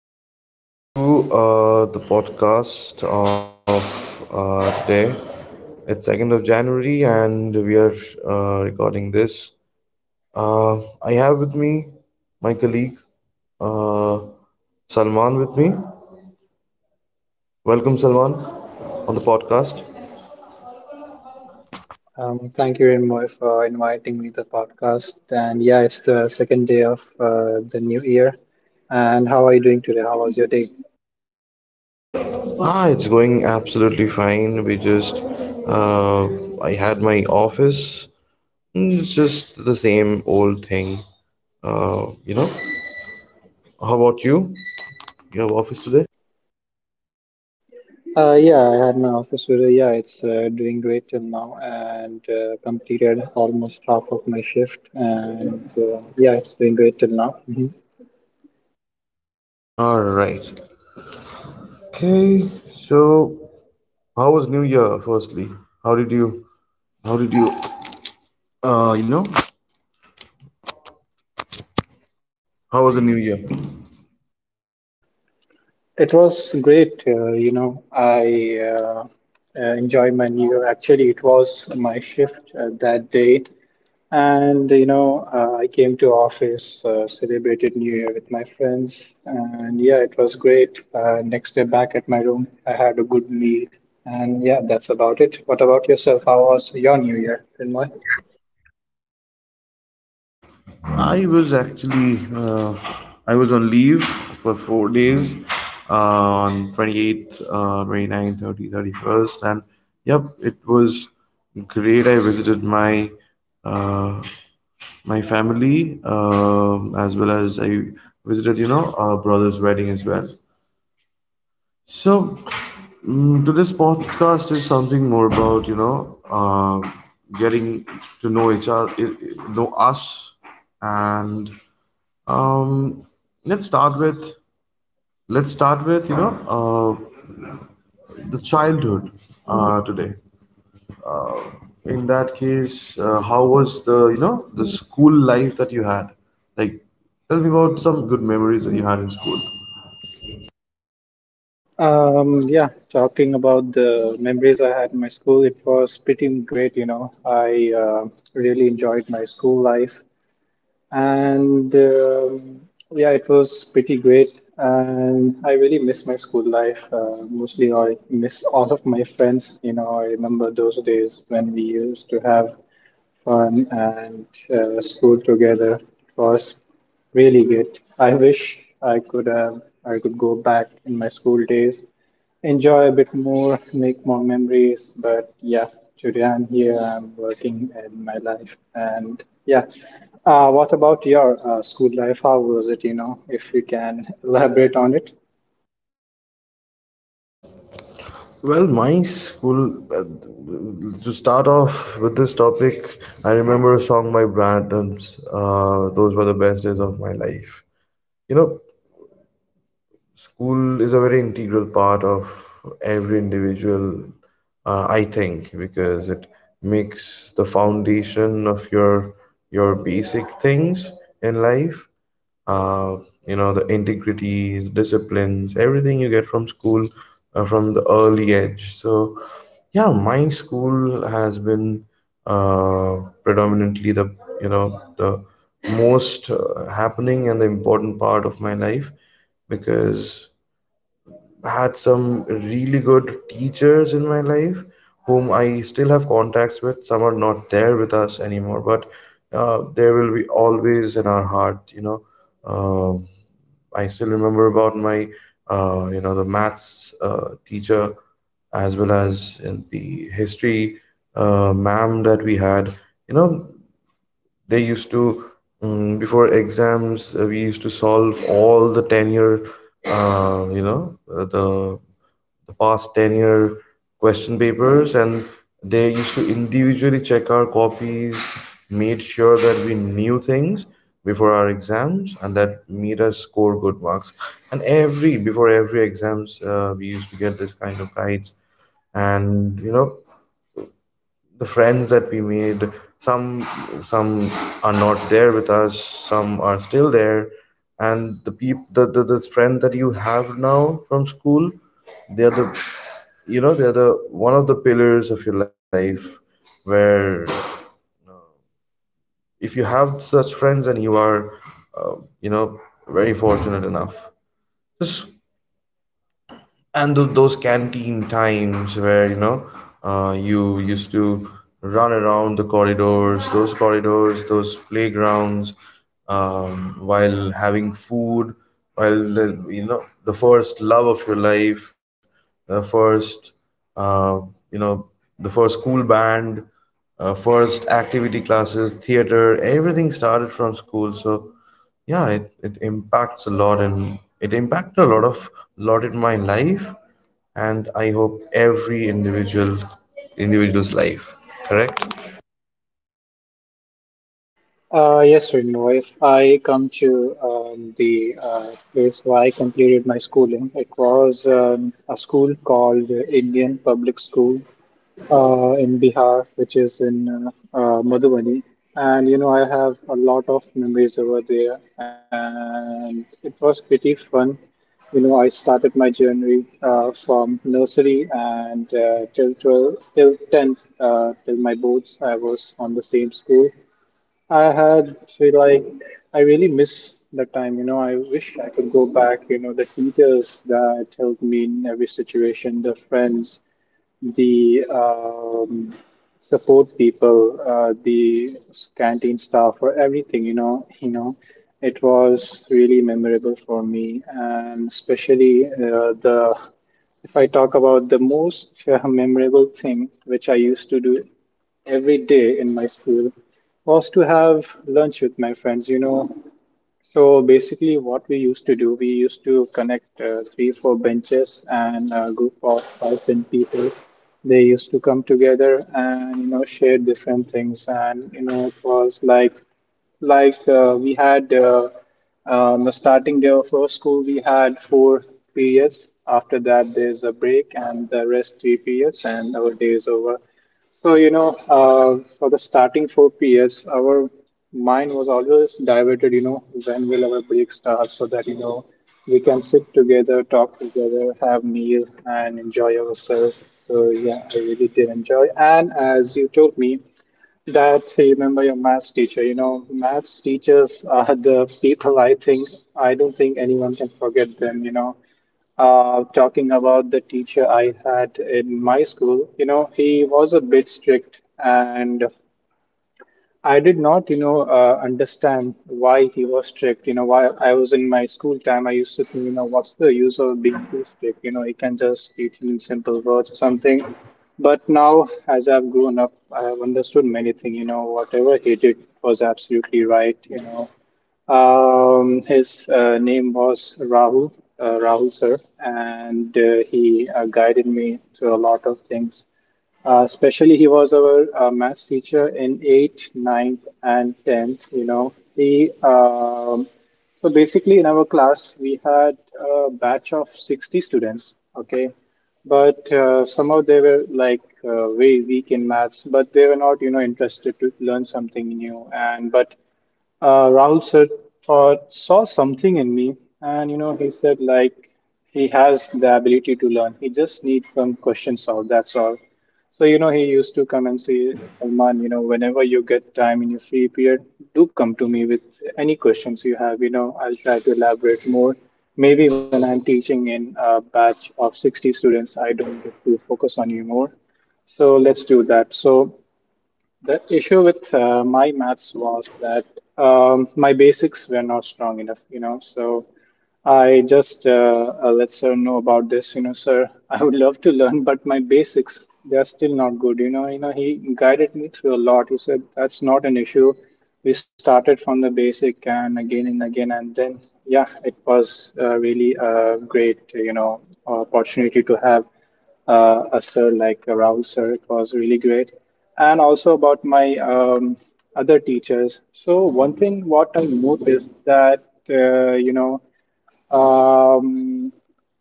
Hello and welcome to the podcast of today. It's 2nd of January and we are recording this. Uh, I have with me my colleague uh, Salman with me. Welcome, Salman, on the podcast. Thank you, Renmoy, for inviting me to the podcast. And yeah, it's the second day of the new year. And how are you doing today? How was your day? Ah, it's going absolutely fine. Uh, I had my office. It's just the same old thing. Uh, you know, how about you? You have office today? Yeah, I had my office today. Yeah, it's doing great till now and completed almost half of my shift. And yeah, it's doing great till now. Mhm. All right. Okay, so how was New Year? Firstly, how did you, how did you, you know, how was the New Year? It was great. You know, I enjoyed my new year. Actually, it was my shift that day. And you know, I came to office, celebrated New Year with my friends, and yeah, it was great. Next day back at my room, I had a good meal, and yeah, that's about it. What about yourself? How was your New Year, Chinmoy? was actually, uh, I was on leave for 4 days, on 28th, 29th, 30th, 31st, and yep, it was great. I visited uh, my family, as well as I visited, our brother's wedding as well. So today's podcast is something more about getting to know each other, know us, and um, let's start with let's start with uh, the childhood today. Uh, in that case, how was the school life that you had? Like, tell me about some good memories that you had in school. Yeah, talking about the memories I had in my school, it was pretty great, you know. I really enjoyed my school life. And yeah, it was pretty great. And I really miss my school life. Mostly, I miss all of my friends. You know, I remember those days when we used to have fun and school together. It was really good. I wish I could have, I could go back in my school days, enjoy a bit more, make more memories. But yeah, today I'm here. I'm working in my life, and yeah. What about your school life? How was it? You know, if you can elaborate on it. Well, my school, uh, to start off with this topic, I remember a song by Bryan Adams, "Those Were the Best Days of My Life." You know, school is a very integral part of every individual, I think, because it makes the foundation of your basic things in life. uh, you know, the integrities, disciplines, everything you get from school from the early age. So yeah, my school has been predominantly the, you know, the most happening and the important part of my life, because I had some really good teachers in my life whom I still have contacts with. Some are not there with us anymore, but there will be always in our heart, you know. um I still remember about you know, the maths teacher, as well as in the history ma'am that we had. You know, they used to before exams we used to solve all the 10-year, uh, you know, uh, the the past 10-year question papers, and they used to individually check our copies, made sure that we knew things before our exams, and that made us score good marks. And every before every exams we used to get this kind of guides. And you know, the friends that we made, some some are not there with us, some are still there. And the peop the friend that you have now from school, they are the, you know, they are the one of the pillars of your life, where uh, if you have such friends and you are uh, you know very fortunate enough. Just and those canteen times where you know you used to run around the corridors, those corridors, those playgrounds, while having food, while the, you know, the first love of your life, the first uh, you know the first school band, first activity classes, theater, everything started from school. So yeah, it impacts a lot, and it impacted a lot of lot in my life. And I hope every individual's life. Correct. Yes, Renu. If I come to the place where I completed my schooling, it was a school called Indian Public School in Bihar, which is in Madhubani. And you know, I have a lot of memories over there, and it was pretty fun. You know, I started my journey from nursery and till 12, till 10th, till my boards, I was on the same school. I had so like I really miss the time, you know. I wish I could go back, you know, the teachers that helped me in every situation, the friends, the support people, the canteen staff, or everything. You know, it was really memorable for me, and especially the. If I talk about the most memorable thing which I used to do every day in my school was to have lunch with my friends. You know, so basically, what we used to do, we used to connect three, four benches and a group of five, ten people. They used to come together and you know share different things, and you know it was like like we had on the starting day of our school, we had four periods. After that, there's a break, and the rest three periods, and our day is over. So, you know, for the starting four periods, our mind was always diverted, you know, when will our break start so that, you know, we can sit together, talk together, have meal, and enjoy ourselves. So, yeah, I really did enjoy. And as you told me, that I remember your maths teacher. You know, maths teachers are the people I think I don't think anyone can forget them, you know. Talking about the teacher I had in my school, you know, he was a bit strict and I did not, you know, understand why he was strict. You know, while I was in my school time, I used to think, you know, what's the use of being too strict? You know, he can just teach in simple words or something. But now, as I've grown up, I have understood many things. You know, whatever he did was absolutely right. You know, his name was Rahul sir, and he guided me to a lot of things. Especially, he was our maths teacher in 8th, ninth, and 10th. You know, he so basically in our class we had a batch of 60 students. Okay, but somehow they were like way weak in maths, but they were not you know interested to learn something new. And but Rahul sir saw something in me, and you know, he said, like, he has the ability to learn. He just needs some questions out, that's all. So, you know, he used to come and say, Salman, you know, whenever you get time in your free period, do come to me with any questions you have. You know, I'll try to elaborate more. Maybe when I'm teaching in a batch of 60 students, I don't get to focus on you more. So let's do that. So the issue with my maths was that my basics were not strong enough, you know. So I just let sir know about this, you know, sir. I would love to learn, but my basics they are still not good, you know. You know, he guided me through a lot. He said that's not an issue. We started from the basic and again and again, and then yeah, it was really a great, you know, opportunity to have a sir like Rahul sir. It was really great. And also about my other teachers. So one thing what I noticed that you know, um,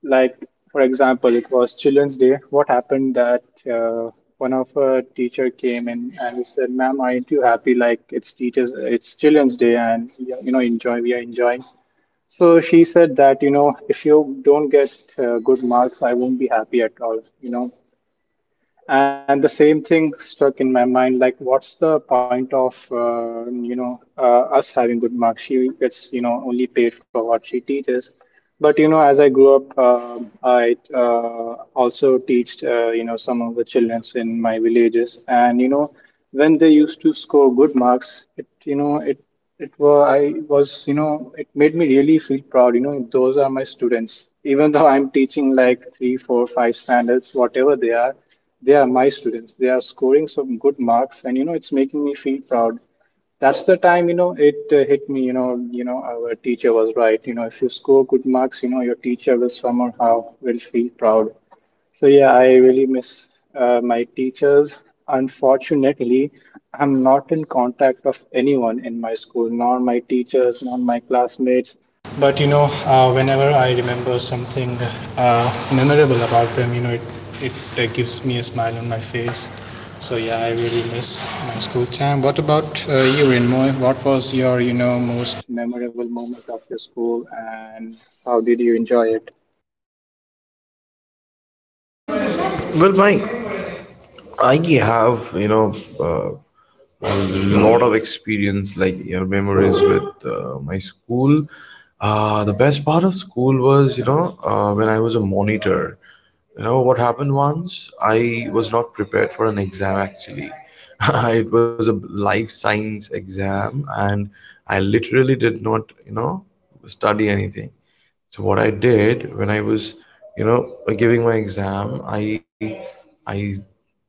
like for example, it was Children's Day. What happened that one of a teacher came in and he said, "Ma'am, aren't you happy? Like it's teachers, it's Children's Day, and yeah, you know, enjoy. We are enjoying." So she said that, you know, if you don't get good marks, I won't be happy at all, you know. And the same thing stuck in my mind, like, what's the point of, you know, us having good marks? She gets, you know, only paid for what she teaches. But, you know, as I grew up, I also teached, you know, some of the childrens in my villages. And, you know, when they used to score good marks, it, you know, it were, I was, you know, it made me really feel proud. You know, those are my students. Even though I'm teaching like three, four, five standards, whatever they are my students. They are scoring some good marks, and you know, it's making me feel proud. That's the time, you know, it hit me. You know, our teacher was right. You know, if you score good marks, you know, your teacher will somehow will feel proud. So yeah, I really miss my teachers. Unfortunately, I'm not in contact of anyone in my school, nor my teachers, nor my classmates. But you know, whenever I remember something uh, memorable about them, you know, it gives me a smile on my face. So yeah, I really miss my school time. What about you, Rinmoy? What was your you know most memorable moment of your school, and how did you enjoy it? Well, my I have, you know, uh, a lot of experience, like your memories with my school. The best part of school was, you know, when I was a monitor. You know, what happened once, I was not prepared for an exam actually. It was a life science exam, and I literally did not, you know, study anything. So what I did when I was, you know, giving my exam, I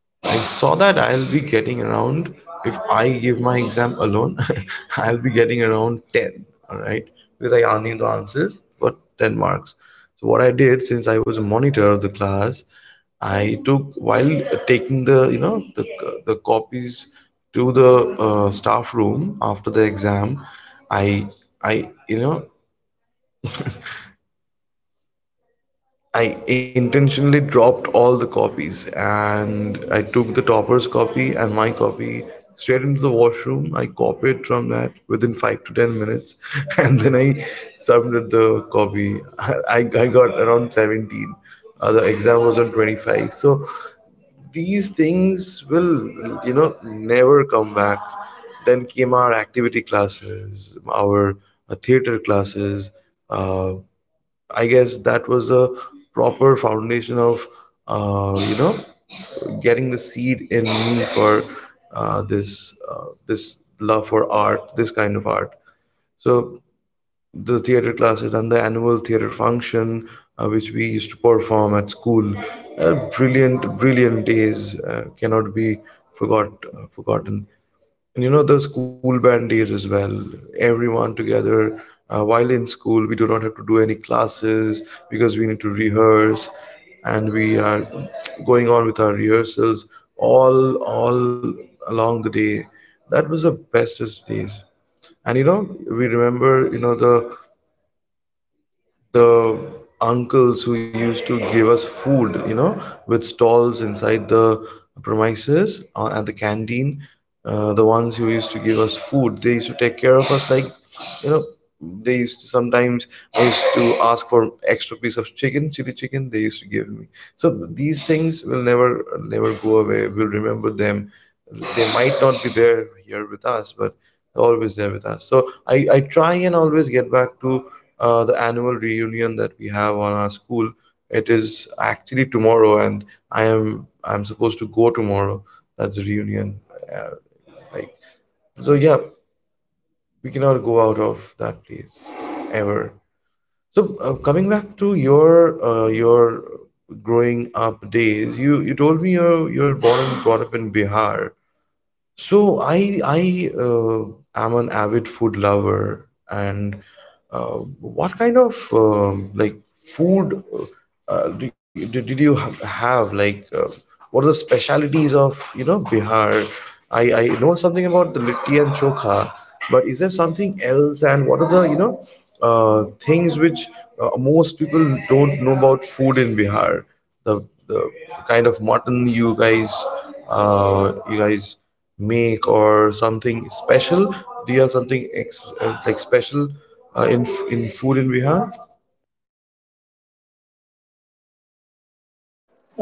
I saw that I'll be getting around, if I give my exam alone, I'll be getting around 10, alright? Because I only the answers, but 10 marks. So, what I did, since I was a monitor of the class, I took, while taking the, you know, the copies to the staff room after the exam, I, I, you know, I intentionally dropped all the copies, and I took the topper's copy and my copy straight into the washroom. I copied from that within 5 to 10 minutes and then I submitted the copy. I got around 17. The exam was on 25. So these things will, you know, never come back. Then came our activity classes, our theater classes. Uh, I guess that was a proper foundation of, you know, getting the seed in me for this love for art, this kind of art. So the theater classes and the annual theater function, which we used to perform at school, brilliant, brilliant days cannot be forgotten. And you know the school band days as well. Everyone together, while in school, we do not have to do any classes, because we need to rehearse, and we are going on with our rehearsals all along the day. That was the bestest days. And we remember, the uncles who used to give us food, you know, with stalls inside the premises at the canteen. The ones who used to give us food, they used to take care of us like, you know, they used to sometimes I used to ask for extra piece of chicken, chili chicken. They used to give me. So these things will never, never go away. We'll remember them. They might not be there here with us, but they're always there with us. So I try and always get back to the annual reunion that we have on our school. It is actually tomorrow, and I'm supposed to go tomorrow. That's the reunion. Uh, like so, yeah, we cannot go out of that place ever. So coming back to your growing up days, you told me you're born and brought up in Bihar. So I am an avid food lover, and uh, what kind of like food did you have? Like, what are the specialities of, you know, Bihar? I know something about the litti and chokha, but is there something else? And what are the things which most people don't know about food in Bihar? The the, the kind of mutton you guys make, or something special? Do you have something ex like special in food in Bihar?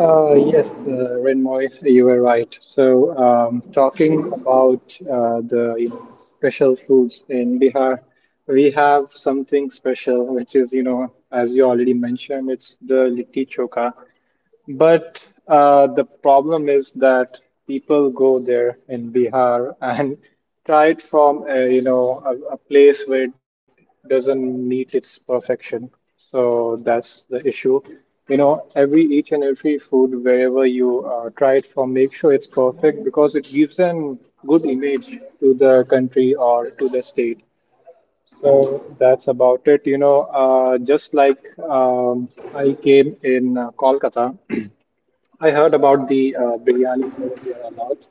Yes, Renmoy, you were right. So, talking about the you know, special foods in Bihar, we have something special, which is, you know, as you already mentioned, it's the litti choka. But the problem is that people go there in Bihar and try it from a, you know a place where it doesn't meet its perfection. So that's the issue. You know, every each and every food wherever you try it from, make sure it's perfect because it gives an good image to the country or to the state. So that's about it. You know, just like um, I came in Kolkata. I heard about the biryani over here a lot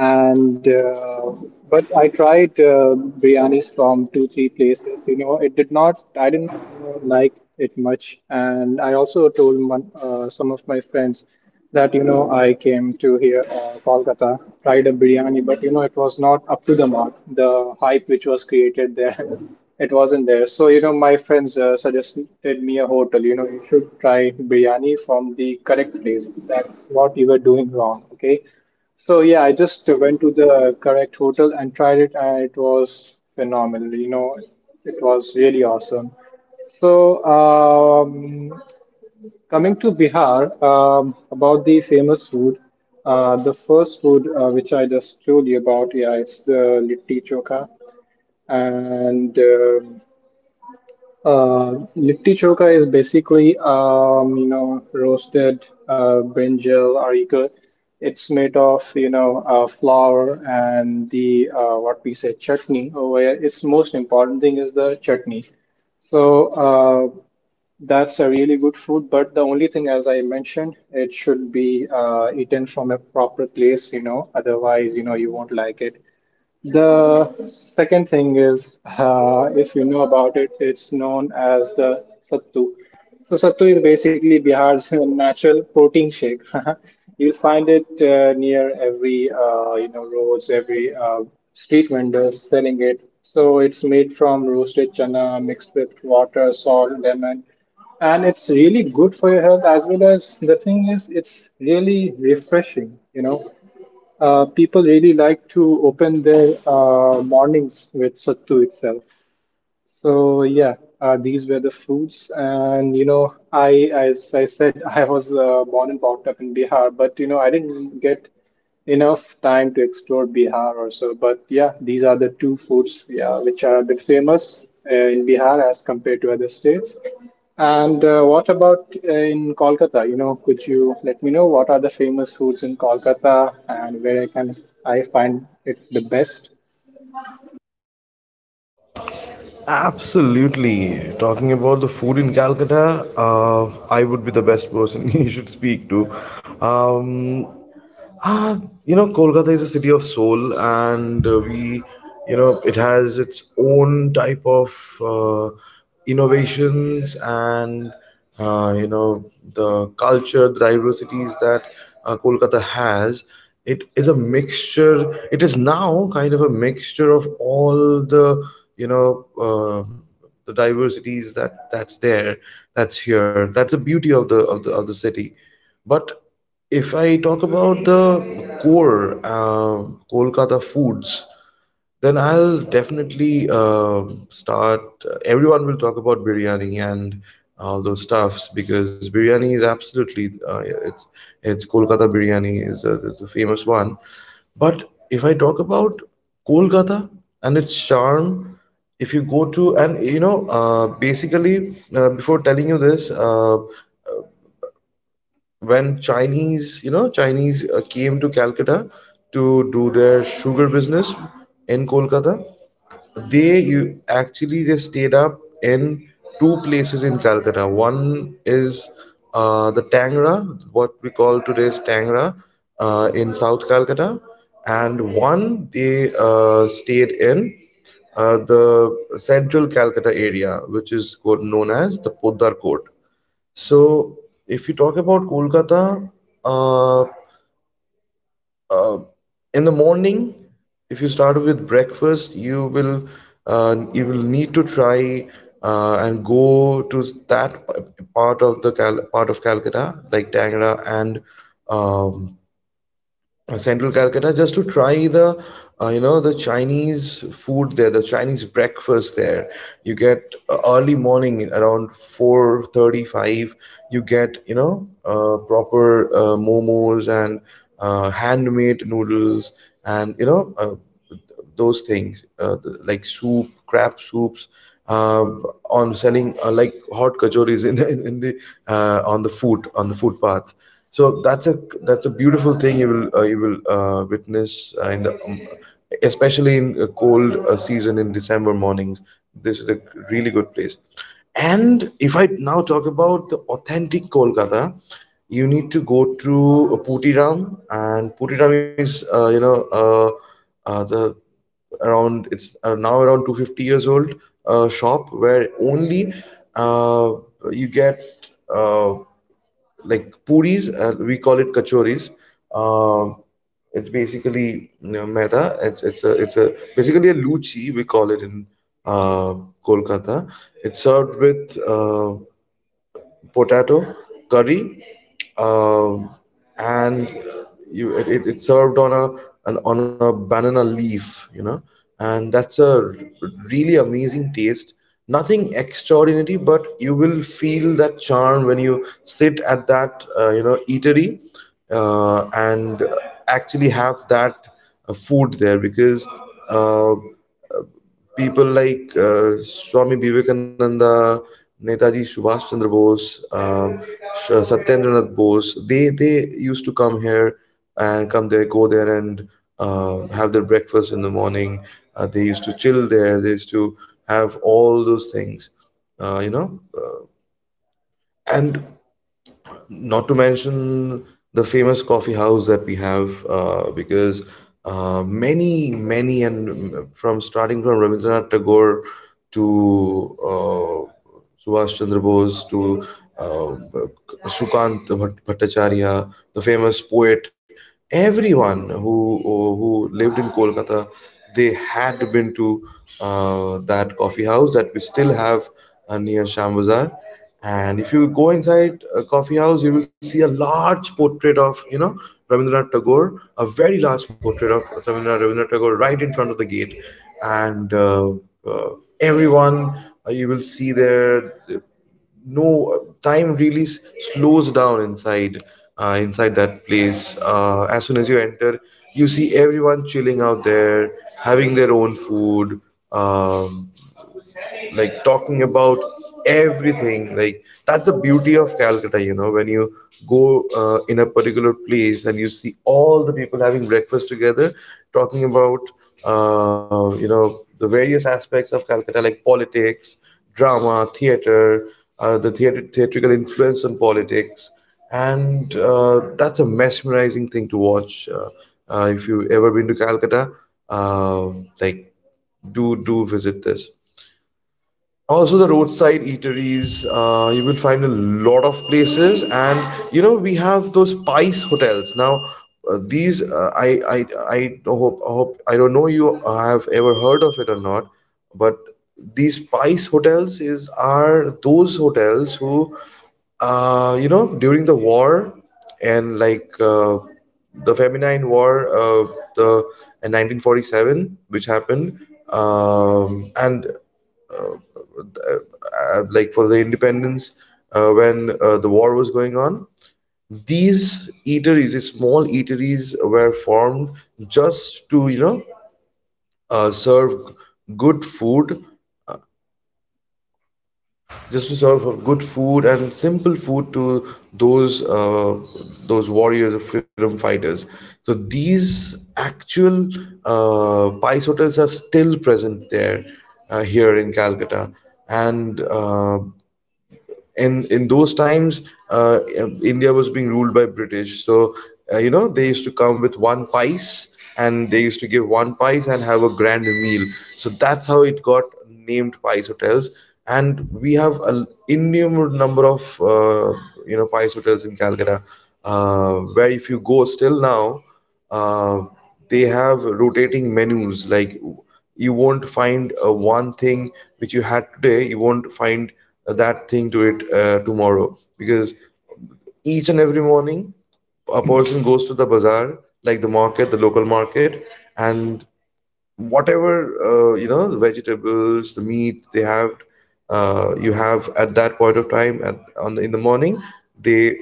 and but I tried biryanis from two, three places. You know, it did not. I didn't you know, like it much, and I also told one, some of my friends that you know I came to here Kolkata, tried a biryani, but you know it was not up to the mark. The hype which was created there, it wasn't there. So you know my friends suggested me a hotel. You know you should try biryani from the correct place. That's what you were doing wrong. Okay so yeah, I just went to the correct hotel and tried it, and it was phenomenal. You know, it was really awesome. So coming to Bihar, about the famous food, the first food which I just told you about, yeah, it's the litti choka, and litti chokha is basically, you know, roasted brinjal or you it's made of, you know, flour and the, what we say, chutney over here. Its most important thing is the chutney. So that's a really good food, but the only thing, as I mentioned, it should be eaten from a proper place, otherwise, you won't like it. The second thing is, if you know about it, it's known as the sattu. So sattu is basically Bihar's natural protein shake. You'll find it near every roads, every street vendors selling it. So it's made from roasted chana mixed with water, salt, lemon, and it's really good for your health as well as the thing is it's really refreshing. People really like to open their mornings with Sattu itself. So yeah, these were the foods, and I as I said, I was born and brought up in Bihar, but I didn't get enough time to explore Bihar or so. But yeah, these are the two foods, yeah, which are a bit famous in Bihar as compared to other states. And what about in Kolkata? Could you let me know what are the famous foods in Kolkata and where I can I find it the best? Absolutely. Talking about the food in Calcutta, uh, I would be the best person you should speak to. Um, Uh, you know, Kolkata is a city of soul, and you know, it has its own type of innovations and, you know, the culture, the diversities that Kolkata has. It is a mixture, it is now kind of a mixture of all the, you know, the diversities that that's there, that's here. That's the beauty of the city. But if I talk about the core Kolkata foods, then I'll definitely start. Everyone will talk about biryani and all those stuffs, because biryani is absolutely it's Kolkata biryani is a famous one. But if I talk about Kolkata and its charm, if you go to, and you know, basically, before telling you this, when Chinese, you know, Chinese came to Calcutta to do their sugar business in Kolkata, they you actually they stayed up in two places in Calcutta. One is the Tangra, what we call today's Tangra, in South Calcutta, and one they stayed in the central Calcutta area, which is known as the Poddar Court. So, if you talk about Kolkata, uh, uh, in the morning, if you start with breakfast, you will need to try and go to that part of the Cal part of Calcutta, like Tangra and um, central Calcutta, just to try the you know, the Chinese food there, the Chinese breakfast there. You get, early morning, around 4:35. You get, you know, proper momos, and handmade noodles, and you know, th- those things, like soup, crab soups. Uh, on selling, like hot kachoris in the on the foot on the footpath. So that's a beautiful thing you will, witness, in the especially in a cold season, in December mornings. This is a really good place. And if I now talk about the authentic Kolkata, you need to go to Putiram, and Putiram is the around it's now around 250 years old shop where only uh, you get like puris. We call it kachoris. Uh, it's basically you know, maida. It's a basically a luchi. We call it in uh, Kolkata. It's served with potato curry, um, and it's served on a banana leaf, you know, and that's a really amazing taste. Nothing extraordinary, but you will feel that charm when you sit at that eatery and actually have that food there, because. Uh, people like Swami Vivekananda, Netaji Subhash Chandra Bose, Satyendranath Bose, they used to come here and go there and have their breakfast in the morning. They used to chill there. They used to have all those things, uh, you know. Uh, and not to mention the famous coffee house that we have, because many, many, and from starting from Rabindranath Tagore to Subhash Chandra Bose to uh, Sukant Bhattacharya, the famous poet, everyone who lived in Kolkata, they had been to that coffee house that we still have near Sham Bazaar. And if you go inside a coffee house, you will see a large portrait of, you know, Rabindranath Tagore, a very large portrait of Rabindranath Tagore right in front of the gate. And uh, uh, everyone uh, you will see there. Uh, no time really slows down inside that place as soon as you enter. You see everyone chilling out there, having their own food, um, like talking about everything. Like, that's the beauty of Calcutta, you know, when you go in a particular place and you see all the people having breakfast together, talking about, you know, the various aspects of Calcutta, like politics, drama, theater, theatrical influence on politics. And That's a mesmerizing thing to watch. If you've ever been to Calcutta, uh, like do visit this also, the roadside eateries. You will find a lot of places, and you know we have those Spice hotels. Now, these I hope I don't know you have ever heard of it or not, but these Spice hotels is are those hotels who, you know, during the war, and the Feminine War, the in 1947, which happened, and like for the independence when the war was going on. These eateries, these small eateries, were formed just to, you know, serve good food, just to serve good food and simple food to those uh, those warriors or freedom fighters. So these actual Pais hotels are still present there here in Calcutta, and uh, and in those times India was being ruled by British. So, you know, they used to come with one pice and they used to give one pice and have a grand meal. So that's how it got named pice hotels. And we have an innumerable number of pice hotels in Calcutta, where if you go still now, uh, they have rotating menus. You won't find one thing which you had today. You won't find that thing to it tomorrow, because each and every morning a person goes to the bazaar, like the market, the local market, and whatever, you know, the vegetables, the meat they have, you have at that point of time in the morning, they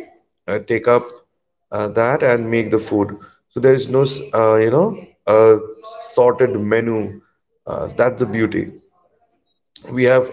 take up that and make the food. So there is no you know, uh, sorted menu. That's the beauty we have.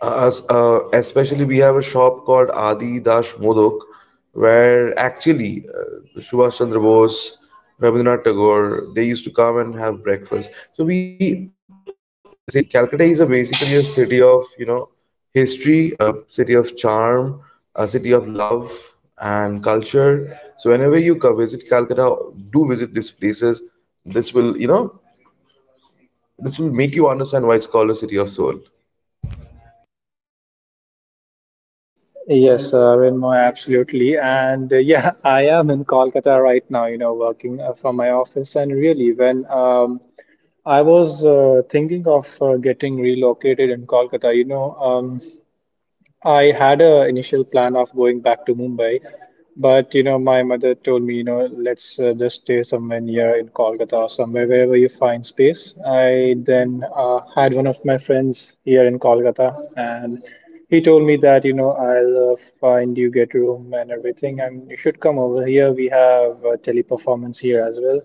Especially, we have a shop called Adi Dash Modak where actually Subhash Chandra Bose, Rabindranath Tagore, they used to come and have breakfast. So we Calcutta is a basically a city of, you know, history, a city of charm, a city of love and culture. So whenever you visit Calcutta, do visit these places. This will, you know, this will make you understand why it's called a city of soul. Yes, Renmo, absolutely. And yeah, I am in Kolkata right now, working from my office. And really, when I was thinking of getting relocated in Kolkata, I had a initial plan of going back to Mumbai, but my mother told me, let's just stay somewhere near in Kolkata or somewhere wherever you find space. I then had one of my friends here in Kolkata, and he told me that, I'll find you get room and everything, and you should come over here. We have Teleperformance here as well.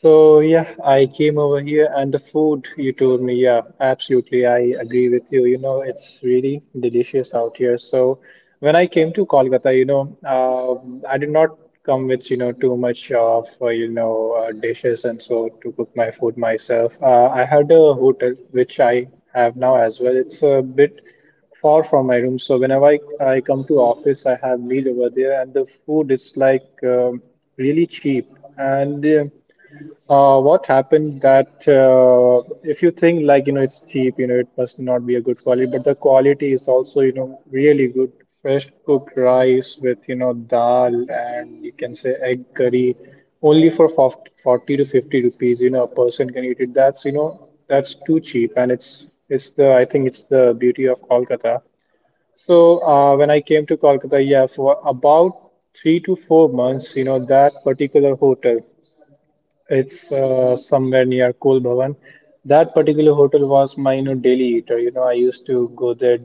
So yeah, I came over here and the food you told me, yeah, absolutely. I agree with you. It's really delicious out here. So when I came to Kolkata, I did not come with, too much of, dishes and so to cook my food myself. I had a hotel which I have now as well. It's a bit far from my room. So whenever I come to office, I have meal over there and the food is like really cheap and what happened that if you think like it's cheap, it must not be a good quality, but the quality is also really good. Fresh cooked rice with dal and you can say egg curry, only for 40 to 50 rupees. A person can eat it. That's you know that's too cheap, and it's the I think it's the beauty of Kolkata. So when I came to Kolkata, yeah, for about 3 to 4 months, that particular hotel. It's somewhere near Kool Bhavan. That particular hotel was my, daily eater. I used to go there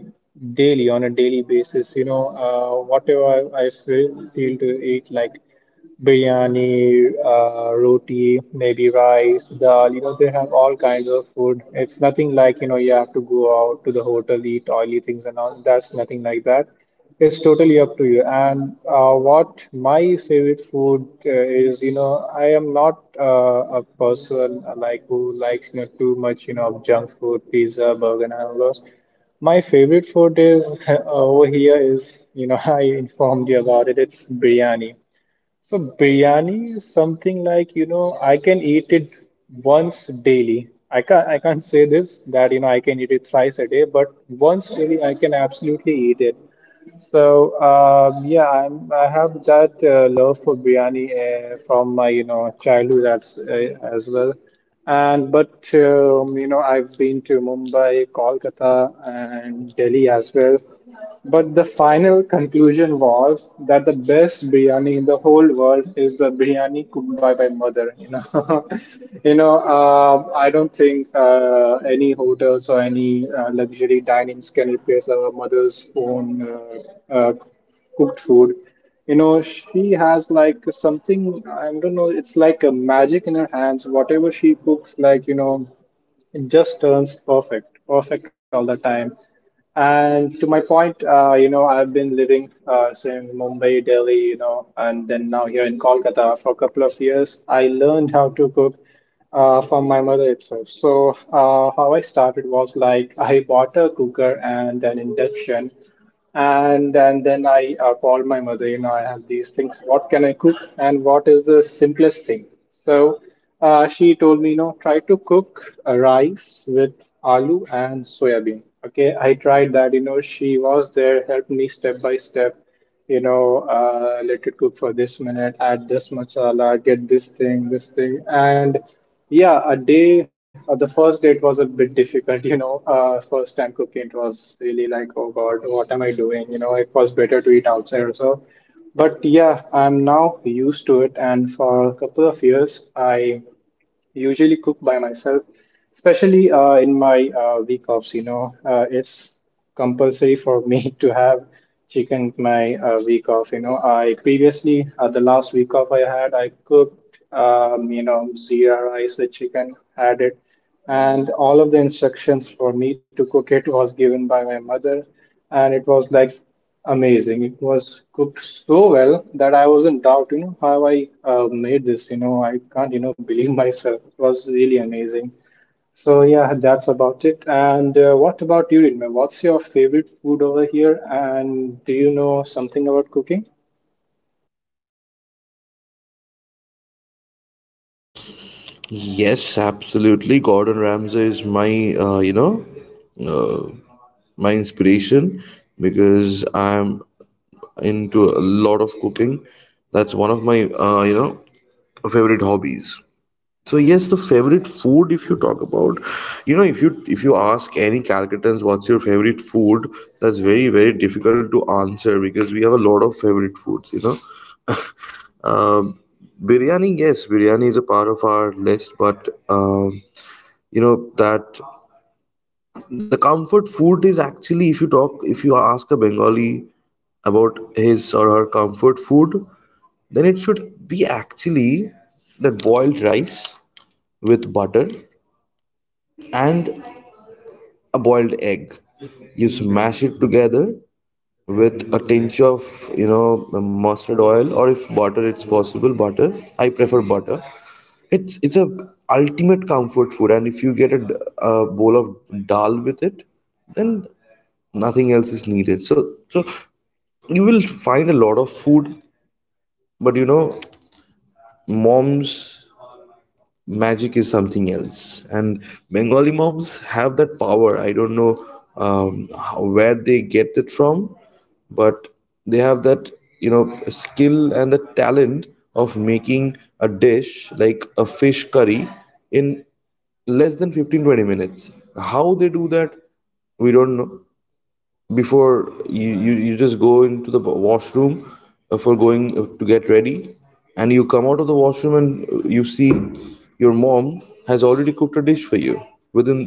daily on a daily basis. Whatever I feel, to eat, like biryani, roti, maybe rice, dal. They have all kinds of food. It's nothing like, you have to go out to the hotel, eat oily things and all. That's nothing like that. It's totally up to you. And what my favorite food is, I am not a person like who likes too much, of junk food, pizza, burger, and all those. My favorite food is over here is, I informed you about it. It's biryani. So biryani is something like, I can eat it once daily. I can't say this that, I can eat it thrice a day, but once daily I can absolutely eat it. So yeah, I have that love for biryani from my childhood as well, and but I've been to Mumbai, Kolkata, and Delhi as well. But the final conclusion was that the best biryani in the whole world is the biryani cooked by my mother. I don't think any hotels or any luxury dinings can replace our mother's own uh, cooked food. She has like something. I don't know. It's like a magic in her hands. Whatever she cooks, like it just turns perfect, perfect all the time. And to my point, I've been living since Mumbai, Delhi, and then now here in Kolkata for a couple of years. I learned how to cook from my mother itself. So how I started was like I bought a cooker and an induction and then I called my mother. I have these things. What can I cook, and what is the simplest thing? So she told me, try to cook a rice with aloo and soya bean. Okay, I tried that. She was there, helped me step by step. Let it cook for this minute, add this masala, get this thing, this thing. And yeah, the first day it was a bit difficult, first time cooking, it was really like, oh God, what am I doing? It was better to eat outside or so. But yeah, I'm now used to it. And for a couple of years, I usually cook by myself, especially in my week offs. It's compulsory for me to have chicken my week off. I previously the last week off I had, I cooked zira rice with chicken, had it, and all of the instructions for me to cook it was given by my mother, and it was like amazing. It was cooked so well that I was in doubt, how I made this. I can't, believe myself. It was really amazing. So yeah, that's about it. And what about you, Rinma? What's your favorite food over here? And do you know something about cooking? Yes, absolutely. Gordon Ramsay is my, you know, my inspiration, because I'm into a lot of cooking. That's one of my, you know, favorite hobbies. So yes, the favorite food, if you talk about, you know, if you ask any Calcuttans what's your favorite food, that's very, very difficult to answer because we have a lot of favorite foods, you know. Um, Biryani, yes, biryani is a part of our list, but, you know, that the comfort food is actually, if you talk, if you ask a Bengali about his or her comfort food, then it should be actually that boiled rice with butter and a boiled egg. You smash it together with a tinge of, you know, mustard oil, or if butter it's possible, butter. I prefer butter. It's a ultimate comfort food, and if you get a bowl of dal with it, then nothing else is needed. So you will find a lot of food, but, you know, mom's magic is something else. And Bengali moms have that power. I don't know, how, where they get it from, but they have that, you know, skill and the talent of making a dish like a fish curry in less than 15 to 20 minutes. How they do that, we don't know. Before you just go into the washroom for going to get ready, and you come out of the washroom and you see your mom has already cooked a dish for you within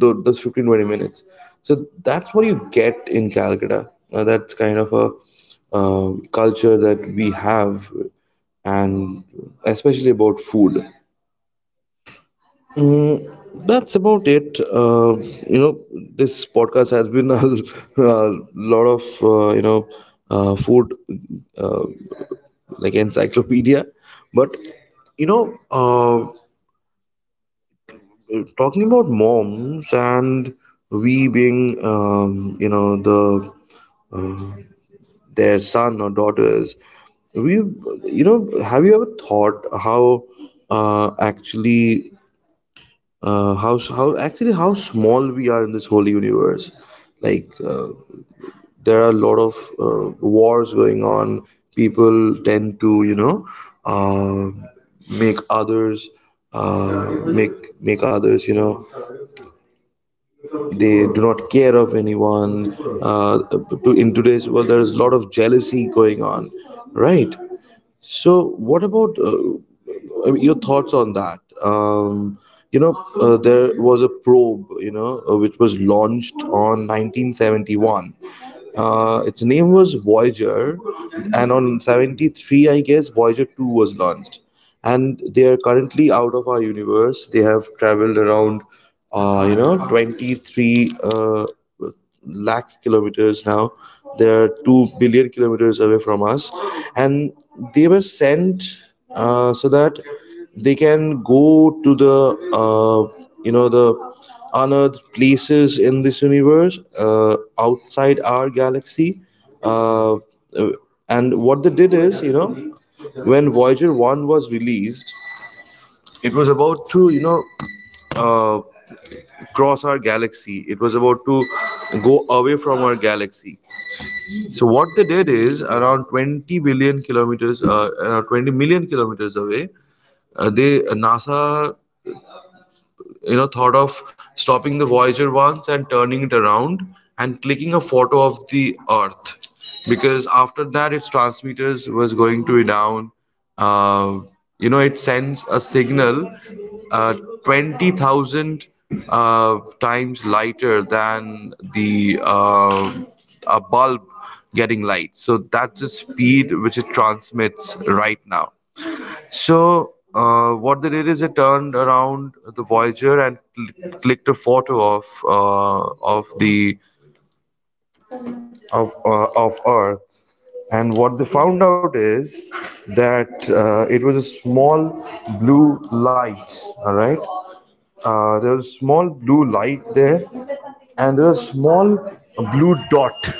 the 15 to 20 minutes. So that's what you get in Calcutta. That's kind of a culture that we have, and especially about food. Mm, that's about it. You know, this podcast has been a, a lot of, you know, food, uh, like, encyclopedia, but, you know, talking about moms and we being, you know, the their son or daughters, we, you know, have you ever thought how uh, actually actually how small we are in this whole universe. Like uh, there are a lot of wars going on. People tend to, you know, uh, make others make others, you know, they do not care of anyone. Uh, in today's world, there is a lot of jealousy going on, right? So, what about, I mean, your thoughts on that? You know, there was a probe, you know, which was launched on 1971, its name was Voyager, and on 73, I guess, Voyager 2 was launched. And they are currently out of our universe. They have traveled around, you know, 23 lakh kilometers now. They are 2 billion kilometers away from us. And they were sent so that they can go to the, you know, the honored places in this universe outside our galaxy. Uh, uh, and what they did is, you know, when Voyager 1 was released, it was about to, you know, uh, cross our galaxy. It was about to go away from our galaxy. So, what they did is around 20 billion kilometers, around 20 million kilometers away, they NASA, you know, thought of stopping the Voyager once and turning it around and clicking a photo of the Earth, because after that its transmitters was going to be down. Uh, you know, it sends a signal 20,000 uh, times lighter than the a bulb getting light. So that's the speed which it transmits right now. So, what they did is they turned around the Voyager and clicked a photo of Earth, and what they found out is that it was a small blue light. All right, there was small blue light there, and there was a small blue dot,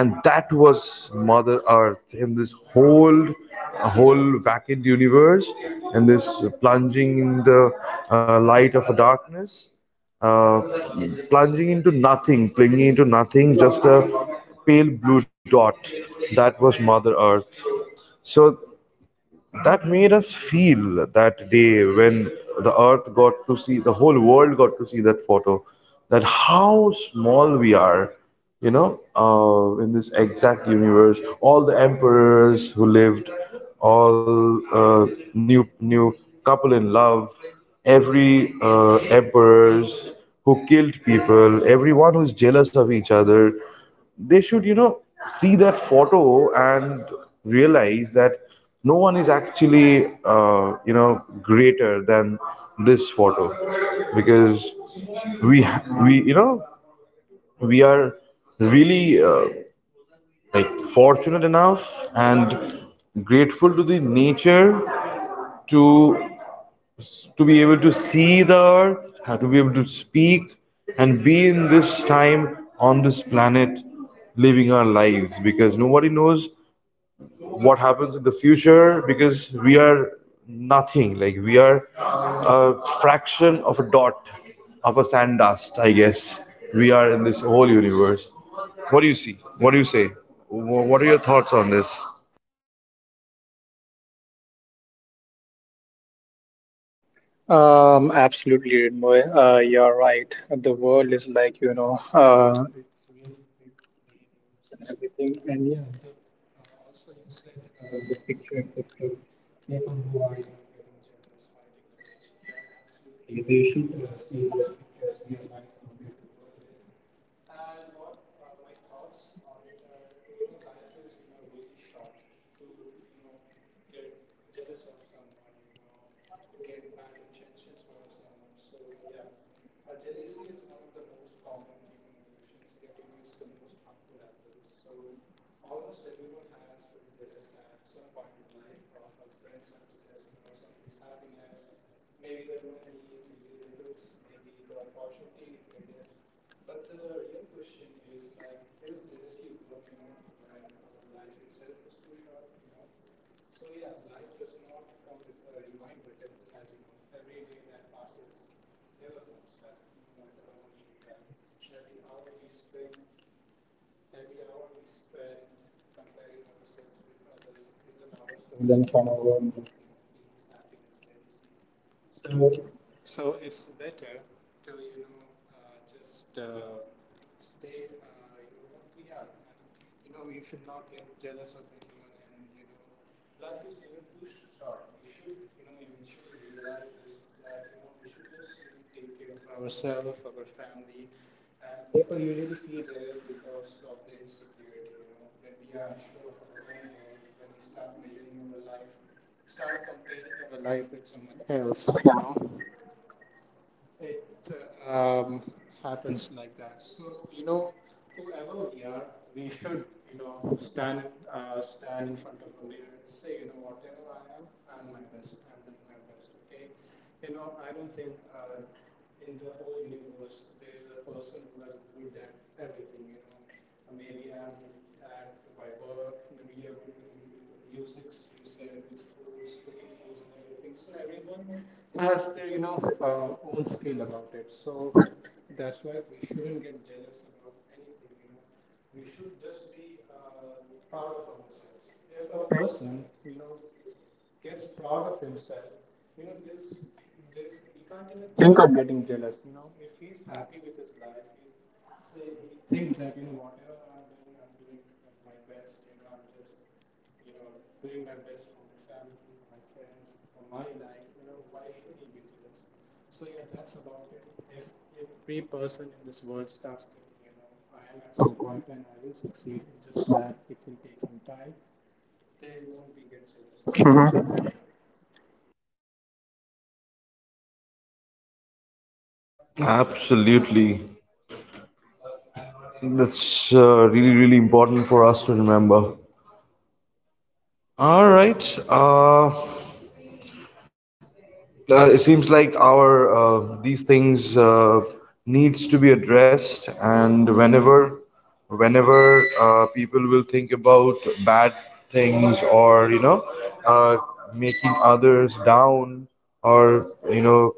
and that was mother Earth in this whole vacant universe, and this plunging in the light of a darkness, uh, plunging into nothing, clinging into nothing, just a pale blue dot. That was mother Earth. So that made us feel that day, when the Earth got to see, the whole world got to see that photo, that how small we are, you know. In this exact universe, all the emperors who lived, all, uh, new, new couple in love, every, emperors who killed people, everyone who's jealous of each other, they should, you know, see that photo and realize that no one is actually, you know, greater than this photo, because we we you know, we are really, like, fortunate enough and grateful to the nature to to be able to see the Earth, to be able to speak and be in this time on this planet, living our lives, because nobody knows what happens in the future, because we are nothing. Like, we are a fraction of a dot of a sand dust, I guess, we are in this whole universe. What do you see? What do you say? What are your thoughts on this? Absolutely, Moy. You're right. The world is like, everything. And yeah, also you said the picture in picture, people who are, getting jealous, fighting for it. Yeah, absolutely. They should see those pictures, realize how beautiful. And what are my thoughts on it are, life is, really short to, get jealous of someone, get bad intentions for someone. So, yeah, jealousy is one of the most common human emotions, yet, it's the most harmful as well. So, almost everyone has felt jealous at some point in life of our friends and theirs, someone's happiness, maybe their money, maybe their looks, maybe the opportunity, maybe their but the real question is like, is jealousy working on when our life itself is too short, you know? So yeah, life does not come with a rewind button, as you know. Every day that passes never comes back. No matter how much you try, every hour we spend, every hour we spend comparing ourselves with others is an hour stolen from our own beings, happiness, jealousy. So so it's better to, just stay, what we are. And, you should not get jealous of anyone. And, life is, even too short. We should, eventually realize this that, we should just take care of ourselves, our family. And people usually feel jealous because of the insecurity, when we are unsure of our own worth, when we start measuring our life, start comparing our life with someone else, it um, happens like that. So you know, whoever we are, we should you know stand stand in front of a mirror and say, whatever I am, I'm my best. I'm doing my best. Okay, I don't think in the whole universe there is a person who is good at everything. Maybe I'm good at my work, maybe I'm musics, its flows, looking flows and everything. So everyone has their, own skill about it. So that's why we shouldn't get jealous about anything. We should just be proud of ourselves. If a person, gets proud of himself, you know, there's, he can't even think of getting jealous. If he's happy with his life, he's say he thinks that whatever I'm doing my best. I'm just you know, doing my best for my family, for my friends, for my life, why should you be jealous? So yeah, that's about it. If if every person in this world starts thinking, I am at some point and I will succeed, it's just that it will take some time, they won't be get jealous. Mhm. Absolutely. That's, really, really important for us to remember. All right. It seems like our these things needs to be addressed, and whenever people will think about bad things, or you know, uh, making others down, or you know,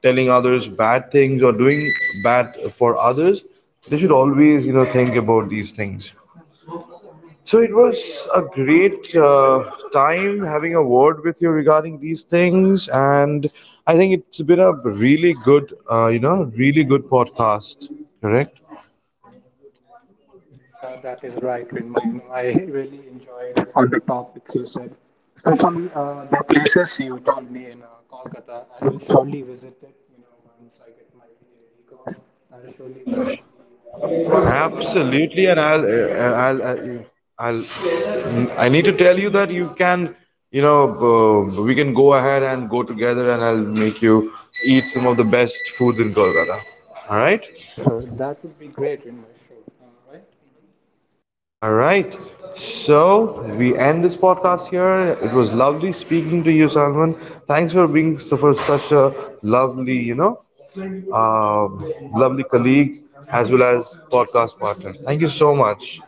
telling others bad things, or doing bad for others, they should always, you know, think about these things. So it was a great time having a word with you regarding these things, and I think it's been a really good, you know, really good podcast. Correct? Uh, that is right, Rinmay. I really enjoyed all the topics you said, especially the places you told me in Kolkata. I will surely visit it. Once I get my week off, I will surely visit the hotels you told me and everything. Absolutely, and I'll, I'll, I need to tell you that you can, you know, we can go ahead and go together, and I'll make you eat some of the best foods in Kolkata. All right? Sure, sure. That would be great, Rinmay. Sure. All right. All right. So we end this podcast here. It was lovely speaking to you, Salman. Thanks for being for such a lovely, you know, um, lovely colleague as well as podcast partner. Thank you so much.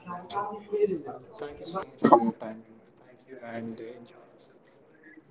Thank you so much for your time. Rinmay. Thank you, and enjoy yourself.